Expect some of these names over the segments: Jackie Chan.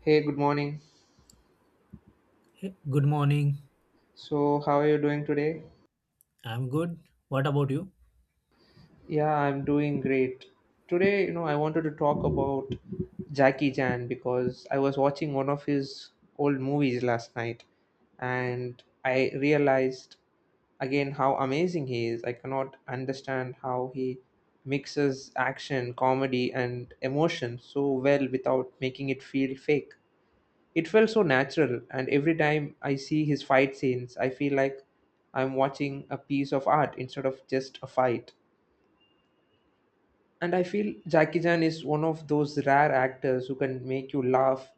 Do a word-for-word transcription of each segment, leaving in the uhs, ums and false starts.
Hey, good morning. Hey, good morning. So, how are you doing today? I'm good. What about you? Yeah, I'm doing great. Today, you know, I wanted to talk about Jackie Chan because I was watching one of his old movies last night and I realized again how amazing he is. I cannot understand how he mixes action, comedy, and emotion so well without making it feel fake. It felt so natural, and every time I see his fight scenes, I feel like I'm watching a piece of art instead of just a fight. And I feel Jackie Chan is one of those rare actors who can make you laugh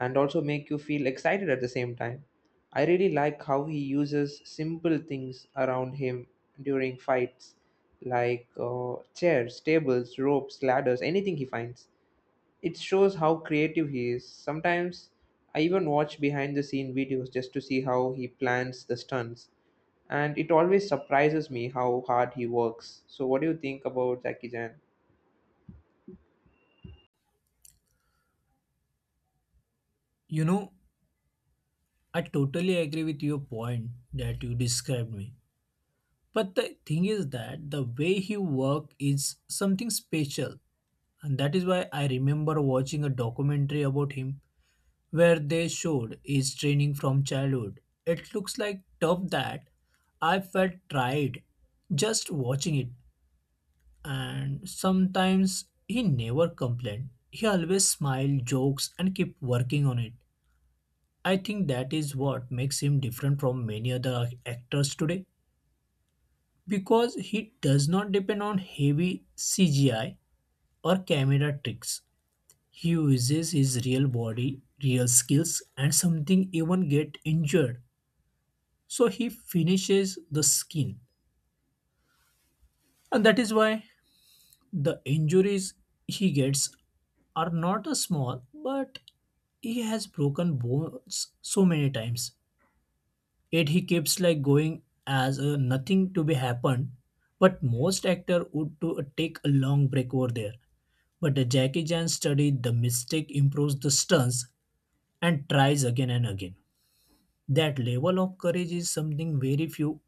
and also make you feel excited at the same time. I really like how he uses simple things around him during fights, like uh, chairs, tables, ropes, ladders, anything he finds. It shows how creative he is. Sometimes I even watch behind the scene videos just to see how he plans the stunts. And it always surprises me how hard he works. So, what do you think about Jackie Chan? You know, I totally agree with your point that you described me. But the thing is that the way he work is something special. And that is why I remember watching a documentary about him where they showed his training from childhood. It looks like tough that I felt tried just watching it. And sometimes he never complained. He always smiled, jokes, and kept working on it. I think that is what makes him different from many other ac- actors today because he does not depend on heavy C G I or camera tricks. He uses his real body, real skills, and something even get injured. So he finishes the skin. And that is why the injuries he gets are not a small, but he has broken bones so many times. Yet he keeps like going as uh, nothing to be happened. But most actor would to take a long break over there. But uh, Jackie Chan studied the mistake, improves the stunts, and tries again and again. That level of courage is something very few.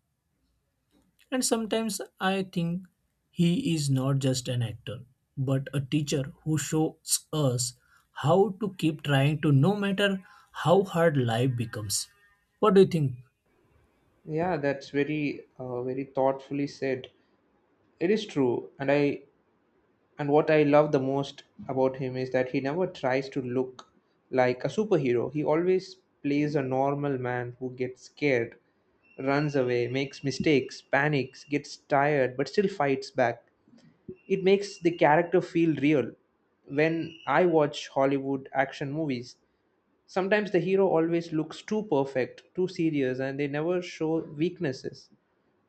And sometimes I think he is not just an actor, but a teacher who shows us how to keep trying to no matter how hard life becomes. What do you think? Yeah, that's very, uh, very thoughtfully said. It is true, and I And what I love the most about him is that he never tries to look like a superhero. He always plays a normal man who gets scared, runs away, makes mistakes, panics, gets tired, but still fights back. It makes the character feel real. When I watch Hollywood action movies, sometimes the hero always looks too perfect, too serious, and they never show weaknesses.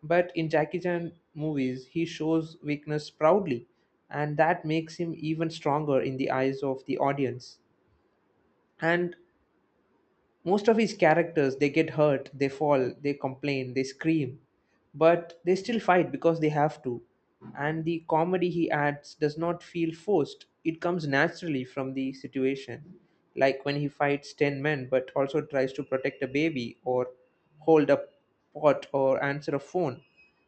But in Jackie Chan movies, he shows weakness proudly, and that makes him even stronger in the eyes of the audience. And most of his characters, they get hurt, they fall, they complain, they scream, but they still fight because they have to, and the comedy he adds does not feel forced, it comes naturally from the situation, like when he fights ten men but also tries to protect a baby or hold a pot or answer a phone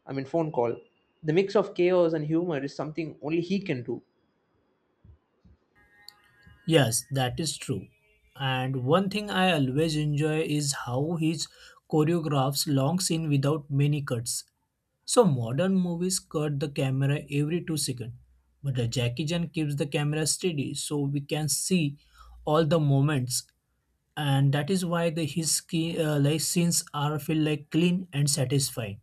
I mean phone call. The mix of chaos and humor is something only he can do. Yes, that is true. And one thing I always enjoy is how he choreographs long scene without many cuts. So modern movies cut the camera every two seconds, but the Jackie Chan keeps the camera steady so we can see all the moments, and that is why the his key, uh, like scenes are feel like clean and satisfying.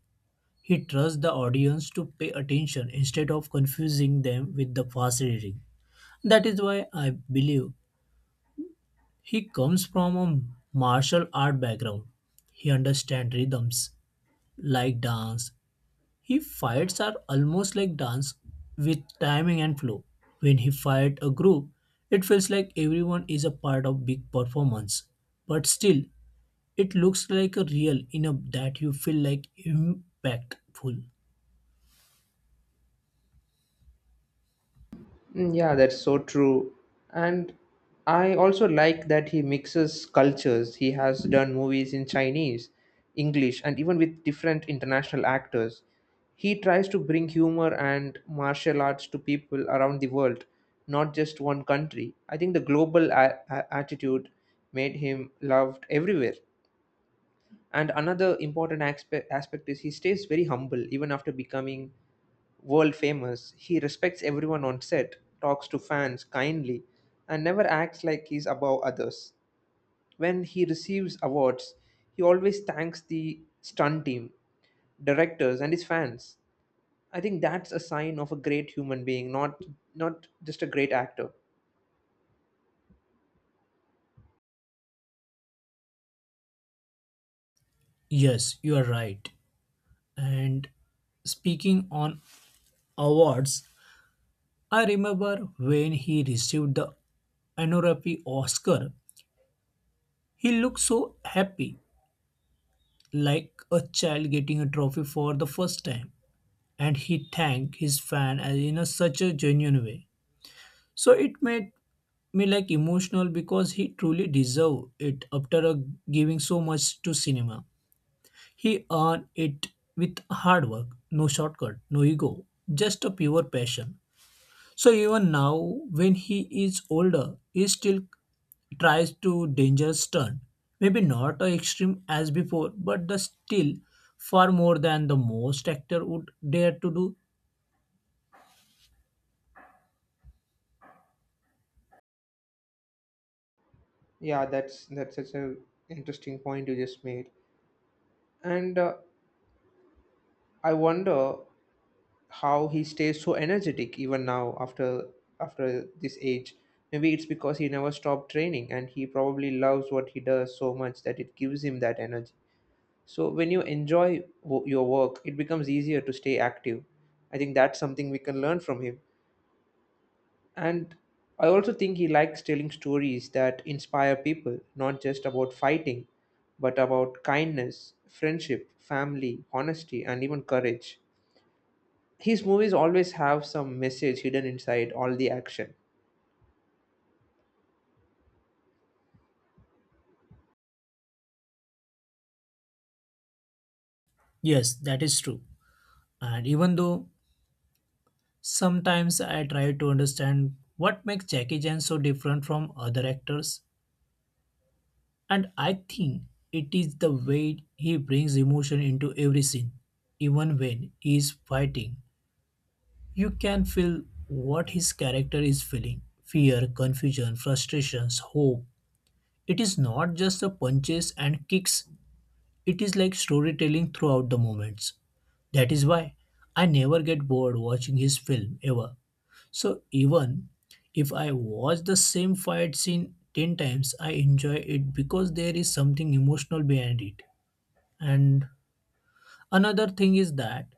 He trusts the audience to pay attention instead of confusing them with the fast reading. That is why I believe he comes from a martial art background. He understands rhythms like dance. His fights are almost like dance with timing and flow. When he fights a group, it feels like everyone is a part of big performance. But still, it looks like a real enough that you feel like impactful. Mm, yeah, that's so true. And I also like that he mixes cultures. He has done movies in Chinese, English, and even with different international actors. He tries to bring humor and martial arts to people around the world, not just one country. I think the global a- a- attitude made him loved everywhere. And another important aspect, aspect is he stays very humble even after becoming world famous. He respects everyone on set, talks to fans kindly, and never acts like he's above others. When he receives awards, he always thanks the stunt team, directors, and his fans. I think that's a sign of a great human being, not not just a great actor. Yes, you are right. And speaking on awards, I remember when he received the honorary Oscar, he looked so happy, like a child getting a trophy for the first time, and he thanked his fan as in a such a genuine way. So it made me like emotional because he truly deserved it after uh, giving so much to cinema. He earned it with hard work, no shortcut, no ego, just a pure passion. So even now, when he is older, he still tries to dangerous turn. Maybe not as extreme as before, but the still far more than the most actor would dare to do. Yeah, that's that's such a interesting point you just made. And uh, I wonder how he stays so energetic even now after after this age. Maybe it's because he never stopped training and he probably loves what he does so much that it gives him that energy. So when you enjoy wo- your work, it becomes easier to stay active. I think that's something we can learn from him. And I also think he likes telling stories that inspire people, not just about fighting, but about kindness, friendship, family, honesty, and even courage. His movies always have some message hidden inside all the action. Yes, that is true. And even though sometimes I try to understand what makes Jackie Chan so different from other actors, and I think it is the way he brings emotion into every scene, even when he is fighting. You can feel what his character is feeling fear, confusion, frustrations, hope. It is not just the punches and kicks, it is like storytelling throughout the moments. That is why I never get bored watching his film ever. So, even if I watch the same fight scene ten times, I enjoy it because there is something emotional behind it. And another thing is that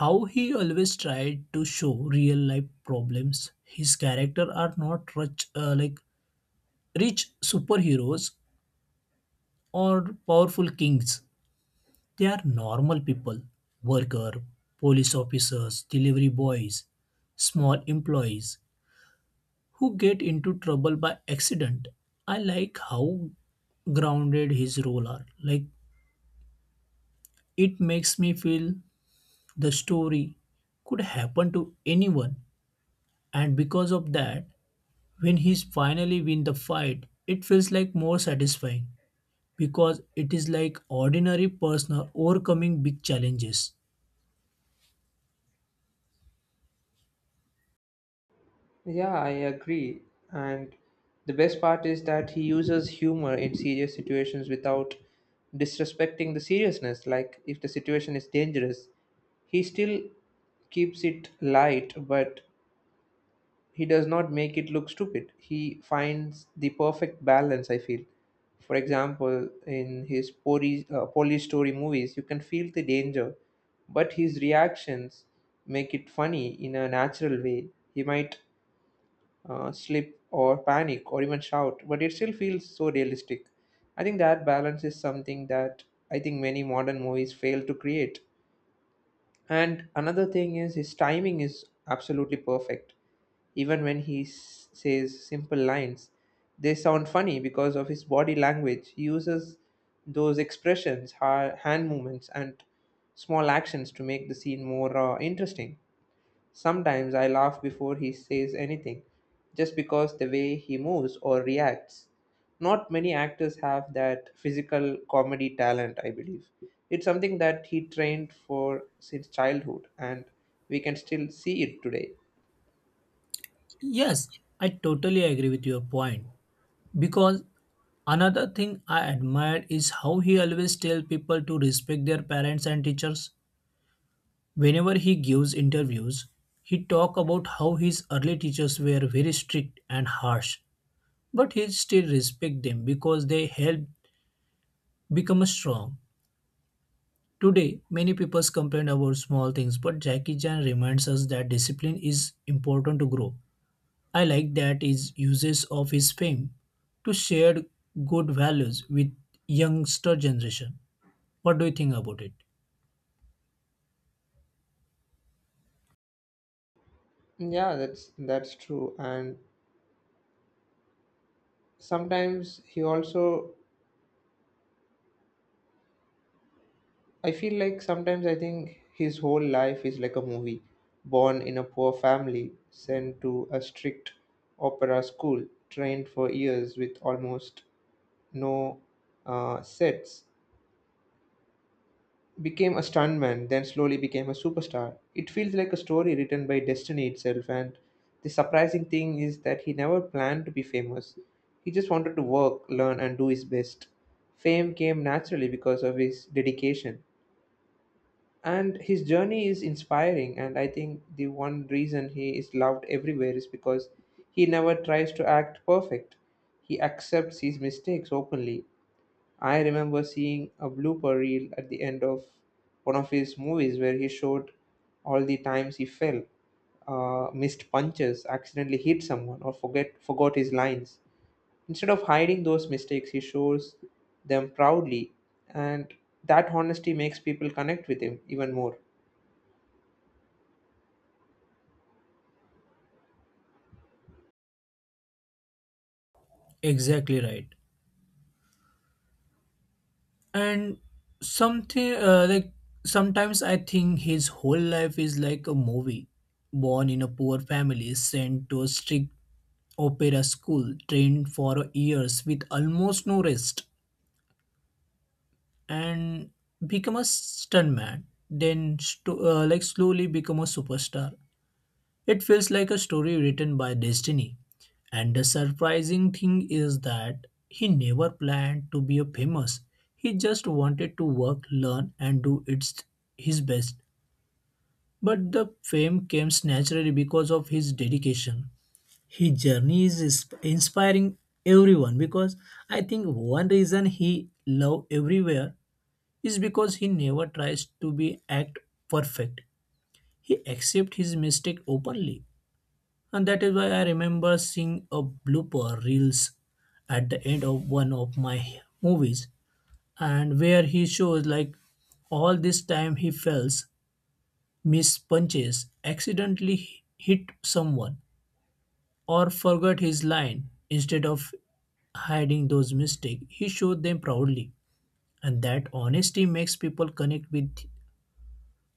how he always tried to show real life problems. His character are not rich, uh, like rich superheroes or powerful kings. They are normal people, worker, police officers, delivery boys, small employees who get into trouble by accident. I like how grounded his role are. Like it makes me feel the story could happen to anyone, and because of that, when he's finally win the fight, it feels like more satisfying because it is like ordinary person overcoming big challenges. Yeah, I agree. And the best part is that he uses humor in serious situations without disrespecting the seriousness. Like, if the situation is dangerous, he still keeps it light, but he does not make it look stupid. He finds the perfect balance, I feel. For example, in his police, uh, police story movies, you can feel the danger, but his reactions make it funny in a natural way. He might uh, slip or panic or even shout, but it still feels so realistic. I think that balance is something that I think many modern movies fail to create. And another thing is his timing is absolutely perfect. Even when he s- says simple lines, they sound funny because of his body language. He uses those expressions, ha- hand movements, and small actions to make the scene more uh, interesting. Sometimes I laugh before he says anything, just because the way he moves or reacts. Not many actors have that physical comedy talent, I believe. It's something that he trained for since childhood, and we can still see it today. Yes, I totally agree with your point because another thing I admire is how he always tell people to respect their parents and teachers. Whenever he gives interviews, he talk about how his early teachers were very strict and harsh, but he still respect them because they helped become strong. Today, many people complain about small things, but Jackie Chan reminds us that discipline is important to grow. I like that his uses of his fame to share good values with youngster generation. What do you think about it? Yeah, that's that's true. And sometimes he also, I feel like sometimes I think his whole life is like a movie. Born in a poor family, sent to a strict opera school, trained for years with almost no uh, sets, became a stuntman, then slowly became a superstar. It feels like a story written by destiny itself, and the surprising thing is that he never planned to be famous. He just wanted to work, learn, and do his best. Fame came naturally because of his dedication, and his journey is inspiring. And I think the one reason he is loved everywhere is because he never tries to act perfect. He accepts his mistakes openly. I remember seeing a blooper reel at the end of one of his movies where he showed all the times he fell, uh, missed punches, accidentally hit someone, or forget forgot his lines. Instead of hiding those mistakes, he shows them proudly, and that honesty makes people connect with him even more. Exactly right. And something uh, like sometimes I think his whole life is like a movie. Born in a poor family, sent to a strict opera school, trained for years with almost no rest and become a stuntman, then sto- uh, like slowly become a superstar. It feels like a story written by destiny. And the surprising thing is that he never planned to be a famous. He just wanted to work, learn, and do its his best. But the fame came naturally because of his dedication. His journey is is- inspiring everyone because I think one reason he loved everywhere is because he never tries to be act perfect. He accepts his mistake openly. And that is why I remember seeing a blooper reels at the end of one of my movies and where he shows like all this time he fails, miss punches, accidentally hit someone or forgot his line instead of hiding those mistakes he showed them proudly and that honesty makes people connect with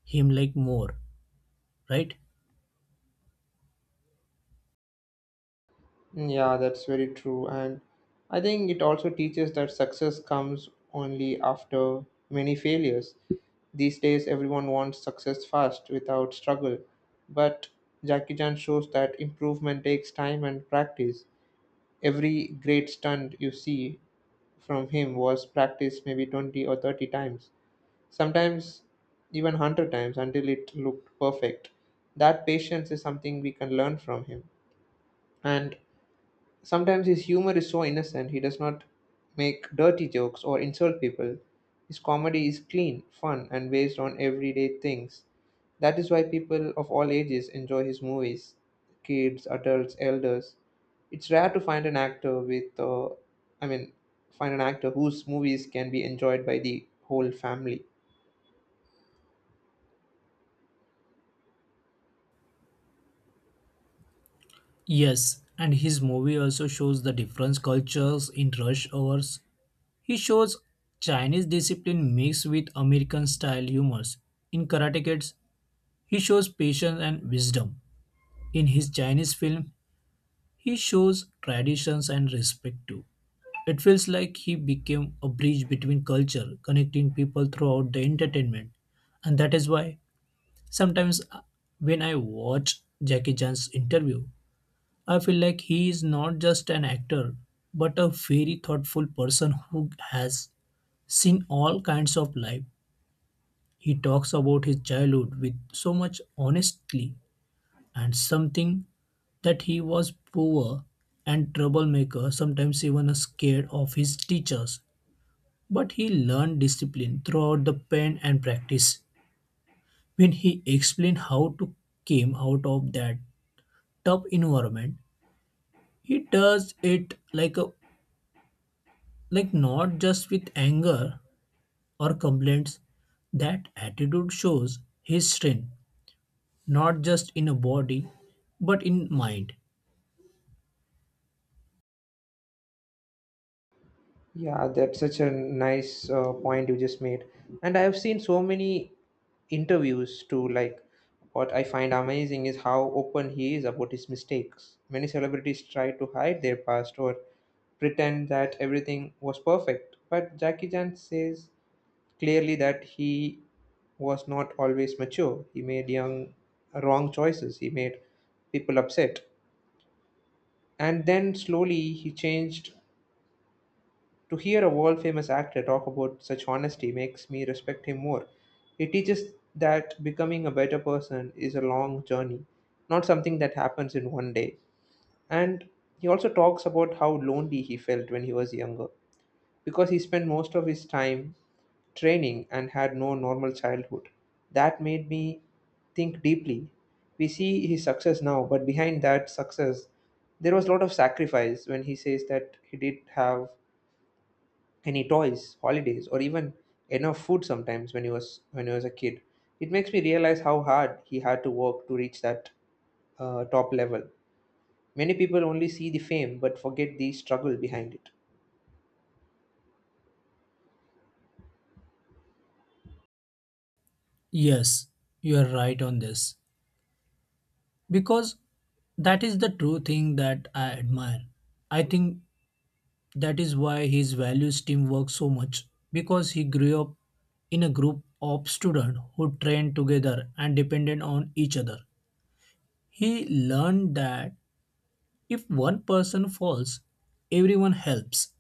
him like more, right? Yeah, that's very true. And I think it also teaches that success comes only after many failures. These days, everyone wants success fast without struggle. But Jackie Chan shows that improvement takes time and practice. Every great stunt you see from him was practiced maybe twenty or thirty times, sometimes even one hundred times until it looked perfect. That patience is something we can learn from him. And sometimes his humor is so innocent. He does not make dirty jokes or insult people. His comedy is clean, fun, and based on everyday things. That is why people of all ages enjoy his movies, kids, adults, elders. It's rare to find an actor with, uh, I mean, find an actor whose movies can be enjoyed by the whole family. Yes, and his movie also shows the different cultures in rush hours. He shows Chinese discipline mixed with American style humors. In Karate Kids, he shows patience and wisdom. In his Chinese film, he shows traditions and respect too. It feels like he became a bridge between culture, connecting people throughout the entertainment. And that is why sometimes uh, when I watch Jackie Chan's interview, I feel like he is not just an actor, but a very thoughtful person who has seen all kinds of life. He talks about his childhood with so much honesty and something that he was poor and troublemaker, sometimes even scared of his teachers. But he learned discipline throughout the pain and practice. When he explained how to came out of that tough environment, he does it like a like not just with anger or complaints. That attitude shows his strength, not just in a body, but in mind. Yeah, that's such a nice uh, point you just made. And I have seen so many interviews too. Like, what I find amazing is how open he is about his mistakes. Many celebrities try to hide their past or pretend that everything was perfect. But Jackie Chan says clearly that he was not always mature. He made young, wrong choices. He made people upset. And then slowly he changed. To hear a world famous actor talk about such honesty makes me respect him more. It teaches that becoming a better person is a long journey, not something that happens in one day. And he also talks about how lonely he felt when he was younger because he spent most of his time training and had no normal childhood. That made me think deeply. We see his success now, but behind that success, there was a lot of sacrifice when he says that he did have any toys, holidays, or even enough food sometimes when he was when he was a kid. It makes me realize how hard he had to work to reach that uh, top level. Many people only see the fame but forget the struggle behind it. Yes, you are right on this. Because that is the true thing that I admire. I think that is why his values teamwork so much. Because he grew up in a group of students who trained together and depended on each other. He learned that if one person falls, everyone helps.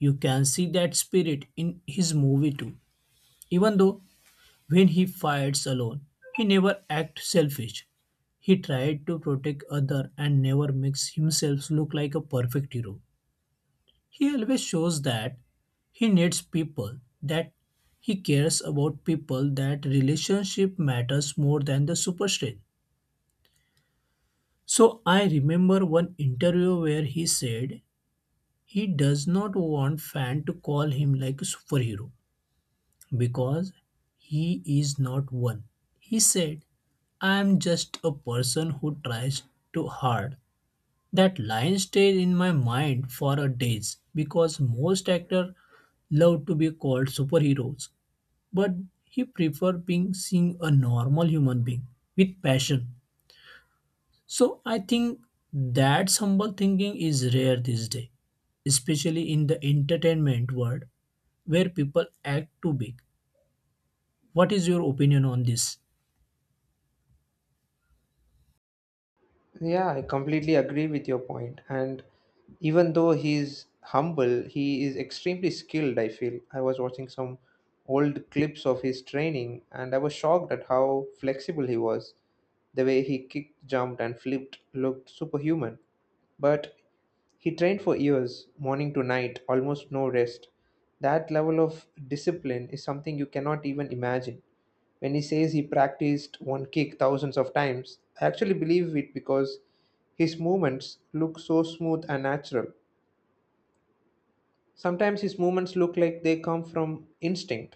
You can see that spirit in his movie too. Even though when he fights alone, he never acts selfish. He tried to protect other and never makes himself look like a perfect hero. He always shows that he needs people, that he cares about people, that relationship matters more than the super strength. So I remember one interview where he said he does not want fan to call him like a superhero because he is not one. He said, I am just a person who tries too hard. That line stayed in my mind for a days because most actors love to be called superheroes, but he prefer being seen a normal human being with passion. So I think that humble thinking is rare these days especially in the entertainment world where people act too big. What is your opinion on this? Yeah, I completely agree with your point. And even though he's humble, he is extremely skilled, I feel. I was watching some old clips of his training and I was shocked at how flexible he was. The way he kicked, jumped, and flipped looked superhuman. But he trained for years, morning to night, almost no rest. That level of discipline is something you cannot even imagine. When he says he practiced one kick thousands of times, I actually believe it because his movements look so smooth and natural. Sometimes his movements look like they come from instinct.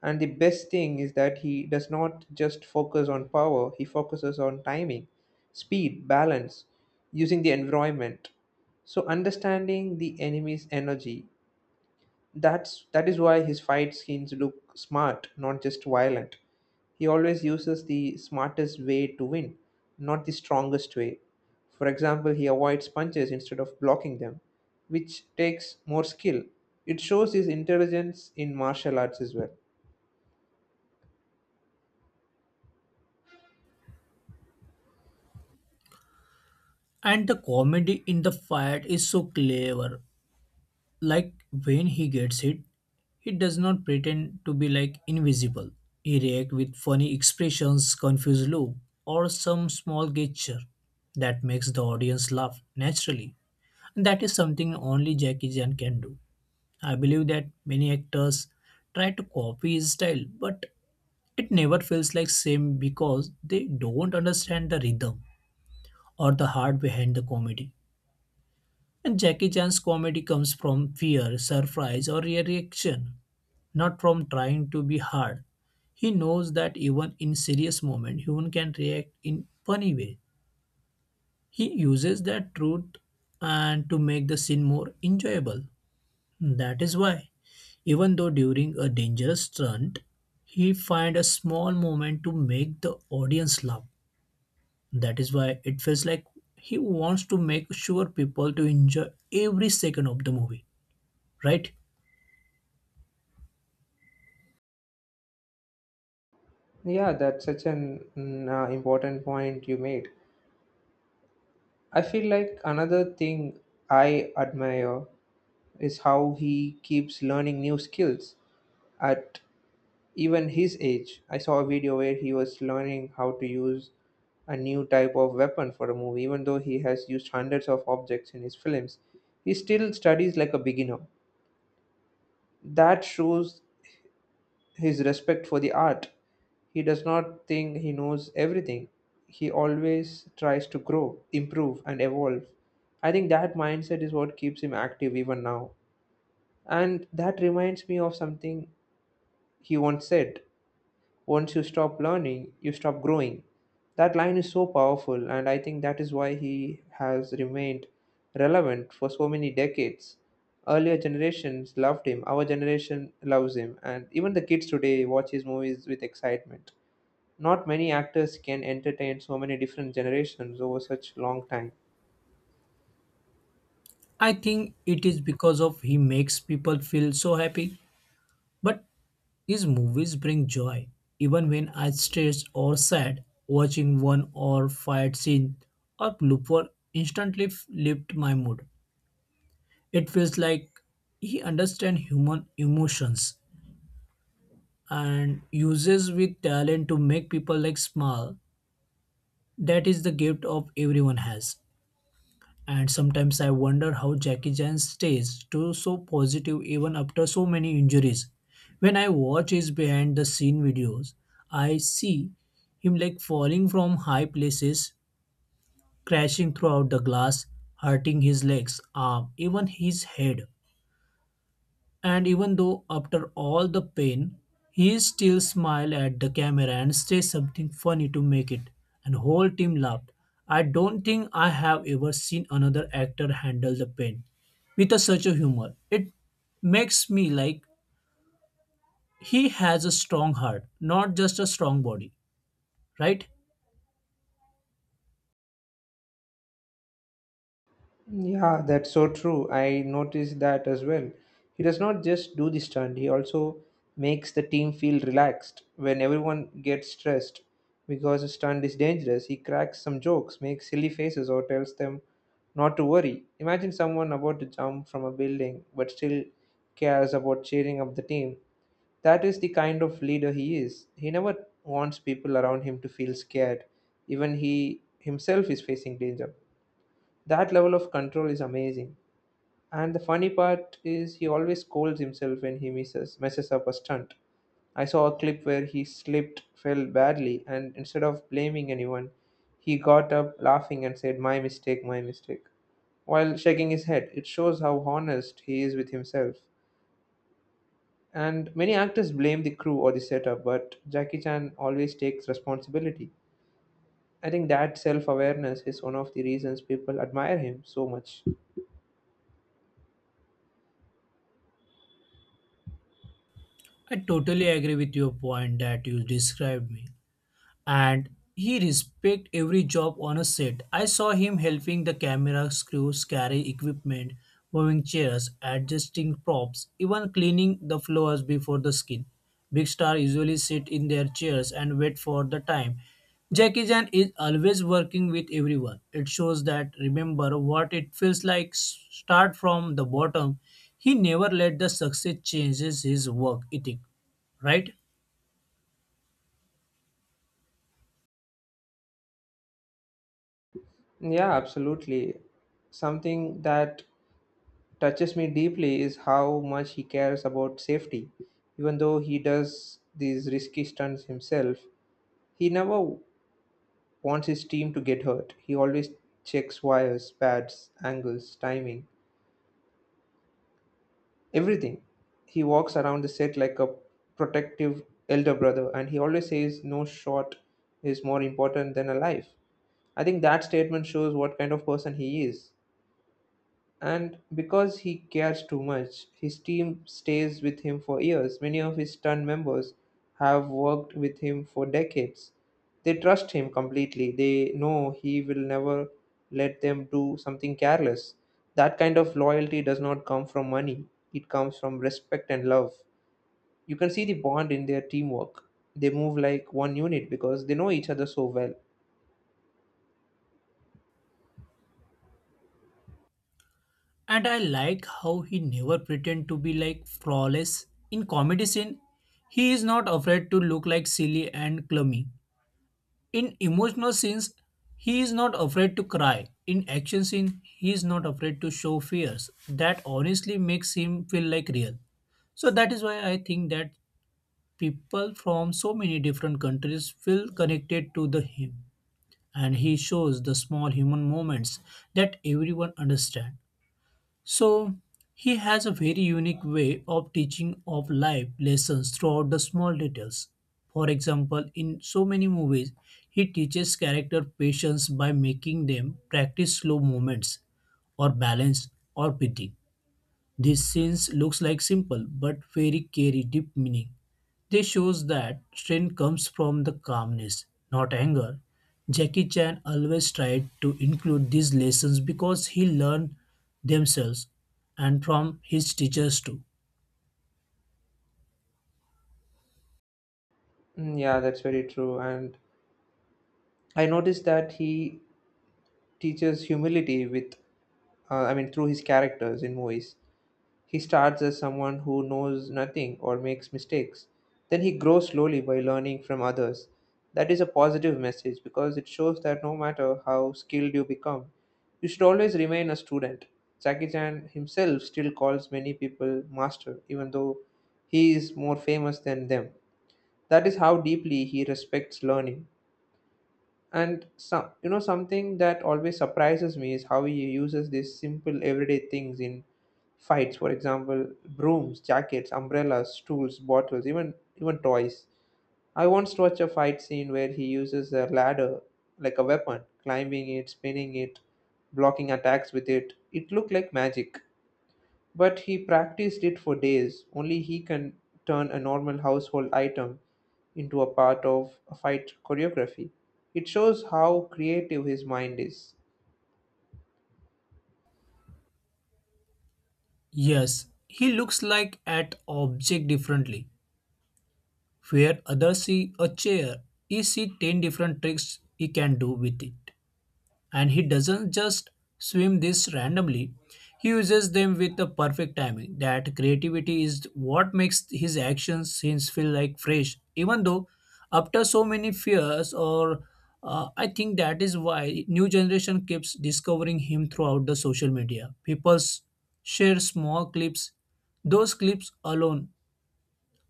And the best thing is that he does not just focus on power, he focuses on timing, speed, balance, using the environment. So, understanding the enemy's energy, that's that is why his fight scenes look smart, not just violent. He always uses the smartest way to win, not the strongest way. For example, he avoids punches instead of blocking them, which takes more skill. It shows his intelligence in martial arts as well. And the comedy in the fight is so clever. Like when he gets hit, he does not pretend to be like invisible. He reacts with funny expressions, confused look, or some small gesture that makes the audience laugh naturally. And that is something only Jackie Chan can do. I believe that many actors try to copy his style, but it never feels like same because they don't understand the rhythm or the heart behind the comedy. And Jackie Chan's comedy comes from fear, surprise, or reaction, not from trying to be hard. He knows that even in serious moment, human can react in funny way. He uses that truth and to make the scene more enjoyable. That is why, even though during a dangerous stunt, he find a small moment to make the audience laugh. That is why it feels like he wants to make sure people to enjoy every second of the movie, right? Yeah, that's such an mm, uh, important point you made. I feel like another thing I admire is how he keeps learning new skills at even his age. I saw a video where he was learning how to use a new type of weapon for a movie. Even though he has used hundreds of objects in his films, he still studies like a beginner. That shows his respect for the art. He does not think he knows everything. He always tries to grow, improve, and evolve. I think that mindset is what keeps him active even now. And that reminds me of something he once said. Once you stop learning, you stop growing. That line is so powerful, and I think that is why he has remained relevant for so many decades. Earlier generations loved him, our generation loves him, and even the kids today watch his movies with excitement. Not many actors can entertain so many different generations over such long time. I think it is because of he makes people feel so happy. But his movies bring joy. Even when I stressed or sad, watching one or fight scene or blooper instantly f- lift my mood. It feels like he understands human emotions and uses with talent to make people like smile. That is the gift of everyone has. And sometimes I wonder how Jackie Chan stays to so positive even after so many injuries. When I watch his behind the scene videos, I see him like falling from high places, crashing throughout the glass, hurting his legs, arm, even his head. And even though after all the pain, he still smiled at the camera and said something funny to make it. And whole team laughed. I don't think I have ever seen another actor handle the pain with a, such a humor. It makes me like he has a strong heart, not just a strong body, right? Yeah, that's so true. I noticed that as well. He does not just do the stunt, he also makes the team feel relaxed when everyone gets stressed because a stunt is dangerous. He cracks some jokes, makes silly faces, or tells them not to worry. Imagine someone about to jump from a building but still cares about cheering up the team. That is the kind of leader he is. He never wants people around him to feel scared, even he himself is facing danger. That level of control is amazing. And the funny part is he always scolds himself when he misses messes up a stunt. I saw a clip where he slipped, fell badly, and instead of blaming anyone, he got up laughing and said, "My mistake, my mistake," while shaking his head. It shows how honest he is with himself. And many actors blame the crew or the setup, but Jackie Chan always takes responsibility. I think that self awareness is one of the reasons people admire him so much. I totally agree with your point that you described me. And he respect every job on a set. I saw him helping the camera crews carry equipment, moving chairs, adjusting props, even cleaning the floors before the skin. Big stars usually sit in their chairs and wait for the time. Jackie Chan is always working with everyone. It shows that remember what it feels like start from the bottom. He never let the success changes his work ethic, right? Yeah, absolutely. Something that touches me deeply is how much he cares about safety. Even though he does these risky stunts himself, he never wants his team to get hurt. He always checks wires, pads, angles, timing, everything. He walks around the set like a protective elder brother, and he always says no shot is more important than a life. I think that statement shows what kind of person he is. And because he cares too much, his team stays with him for years. Many of his stunt members have worked with him for decades. They trust him completely. They know he will never let them do something careless. That kind of loyalty does not come from money, it comes from respect and love. You can see the bond in their teamwork. They move like one unit because they know each other so well. And I like how he never pretend to be like flawless in comedy scene. He is not afraid to look like silly and clumsy. In emotional scenes, he is not afraid to cry. In action scene, he is not afraid to show fears. That honestly makes him feel like real. So that is why I think that people from so many different countries feel connected to the him and he shows the small human moments that everyone understand so he has a very unique way of teaching of life lessons throughout the small details. For example, in so many movies, he teaches character patience by making them practice slow movements or balance or breathing. This scenes looks like simple but very carry deep meaning. This shows that strength comes from the calmness, not anger. Jackie Chan always tried to include these lessons because he learned themselves and from his teachers too. Mm, yeah, that's very true. And I noticed that he teaches humility with uh, I mean, through his characters in movies. He starts as someone who knows nothing or makes mistakes. Then he grows slowly by learning from others. That is a positive message because it shows that no matter how skilled you become, you should always remain a student. Jackie Chan himself still calls many people master, even though he is more famous than them. That is how deeply he respects learning. And some, you know, something that always surprises me is how he uses these simple everyday things in fights. For example, brooms, jackets, umbrellas, stools, bottles, even even toys. I once watched a fight scene where he uses a ladder like a weapon, climbing it, spinning it, blocking attacks with it. It looked like magic. But he practiced it for days. Only he can turn a normal household item into a part of a fight choreography. It shows how creative his mind is. Yes, he looks like at object differently. Where others see a chair, he see ten different tricks he can do with it. And he doesn't just swim this randomly, he uses them with the perfect timing. That creativity is what makes his action scenes feel like fresh even though after so many fears or uh, I think that is why new generation keeps discovering him throughout the social media. People s- share small clips. Those clips alone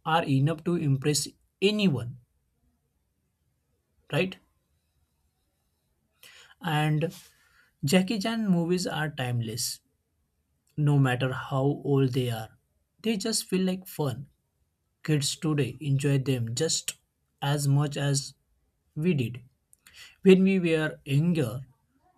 are enough to impress anyone, right? And Jackie Chan movies are timeless no matter how old they are. They just feel like fun. Kids today enjoy them just as much as we did when we were younger.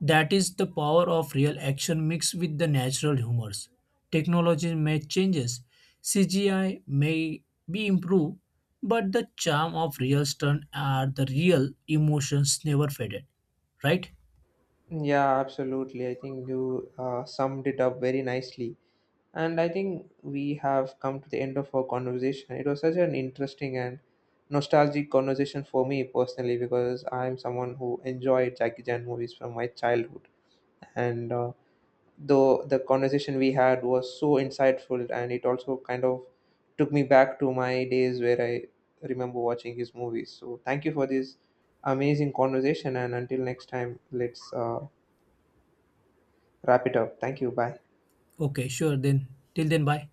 That is the power of real action mixed with the natural humors. Technology may changes, C G I may be improved, but the charm of real stunt are the real emotions never faded. Right? Yeah, absolutely. I think you uh, summed it up very nicely. And I think we have come to the end of our conversation. It was such an interesting and nostalgic conversation for me personally because I'm someone who enjoyed Jackie Chan movies from my childhood. And uh, though the conversation we had was so insightful and it also kind of took me back to my days where I remember watching his movies, so thank you for this amazing conversation, and until next time let's uh, wrap it up. Thank you, bye. Okay, sure then. Till then, bye.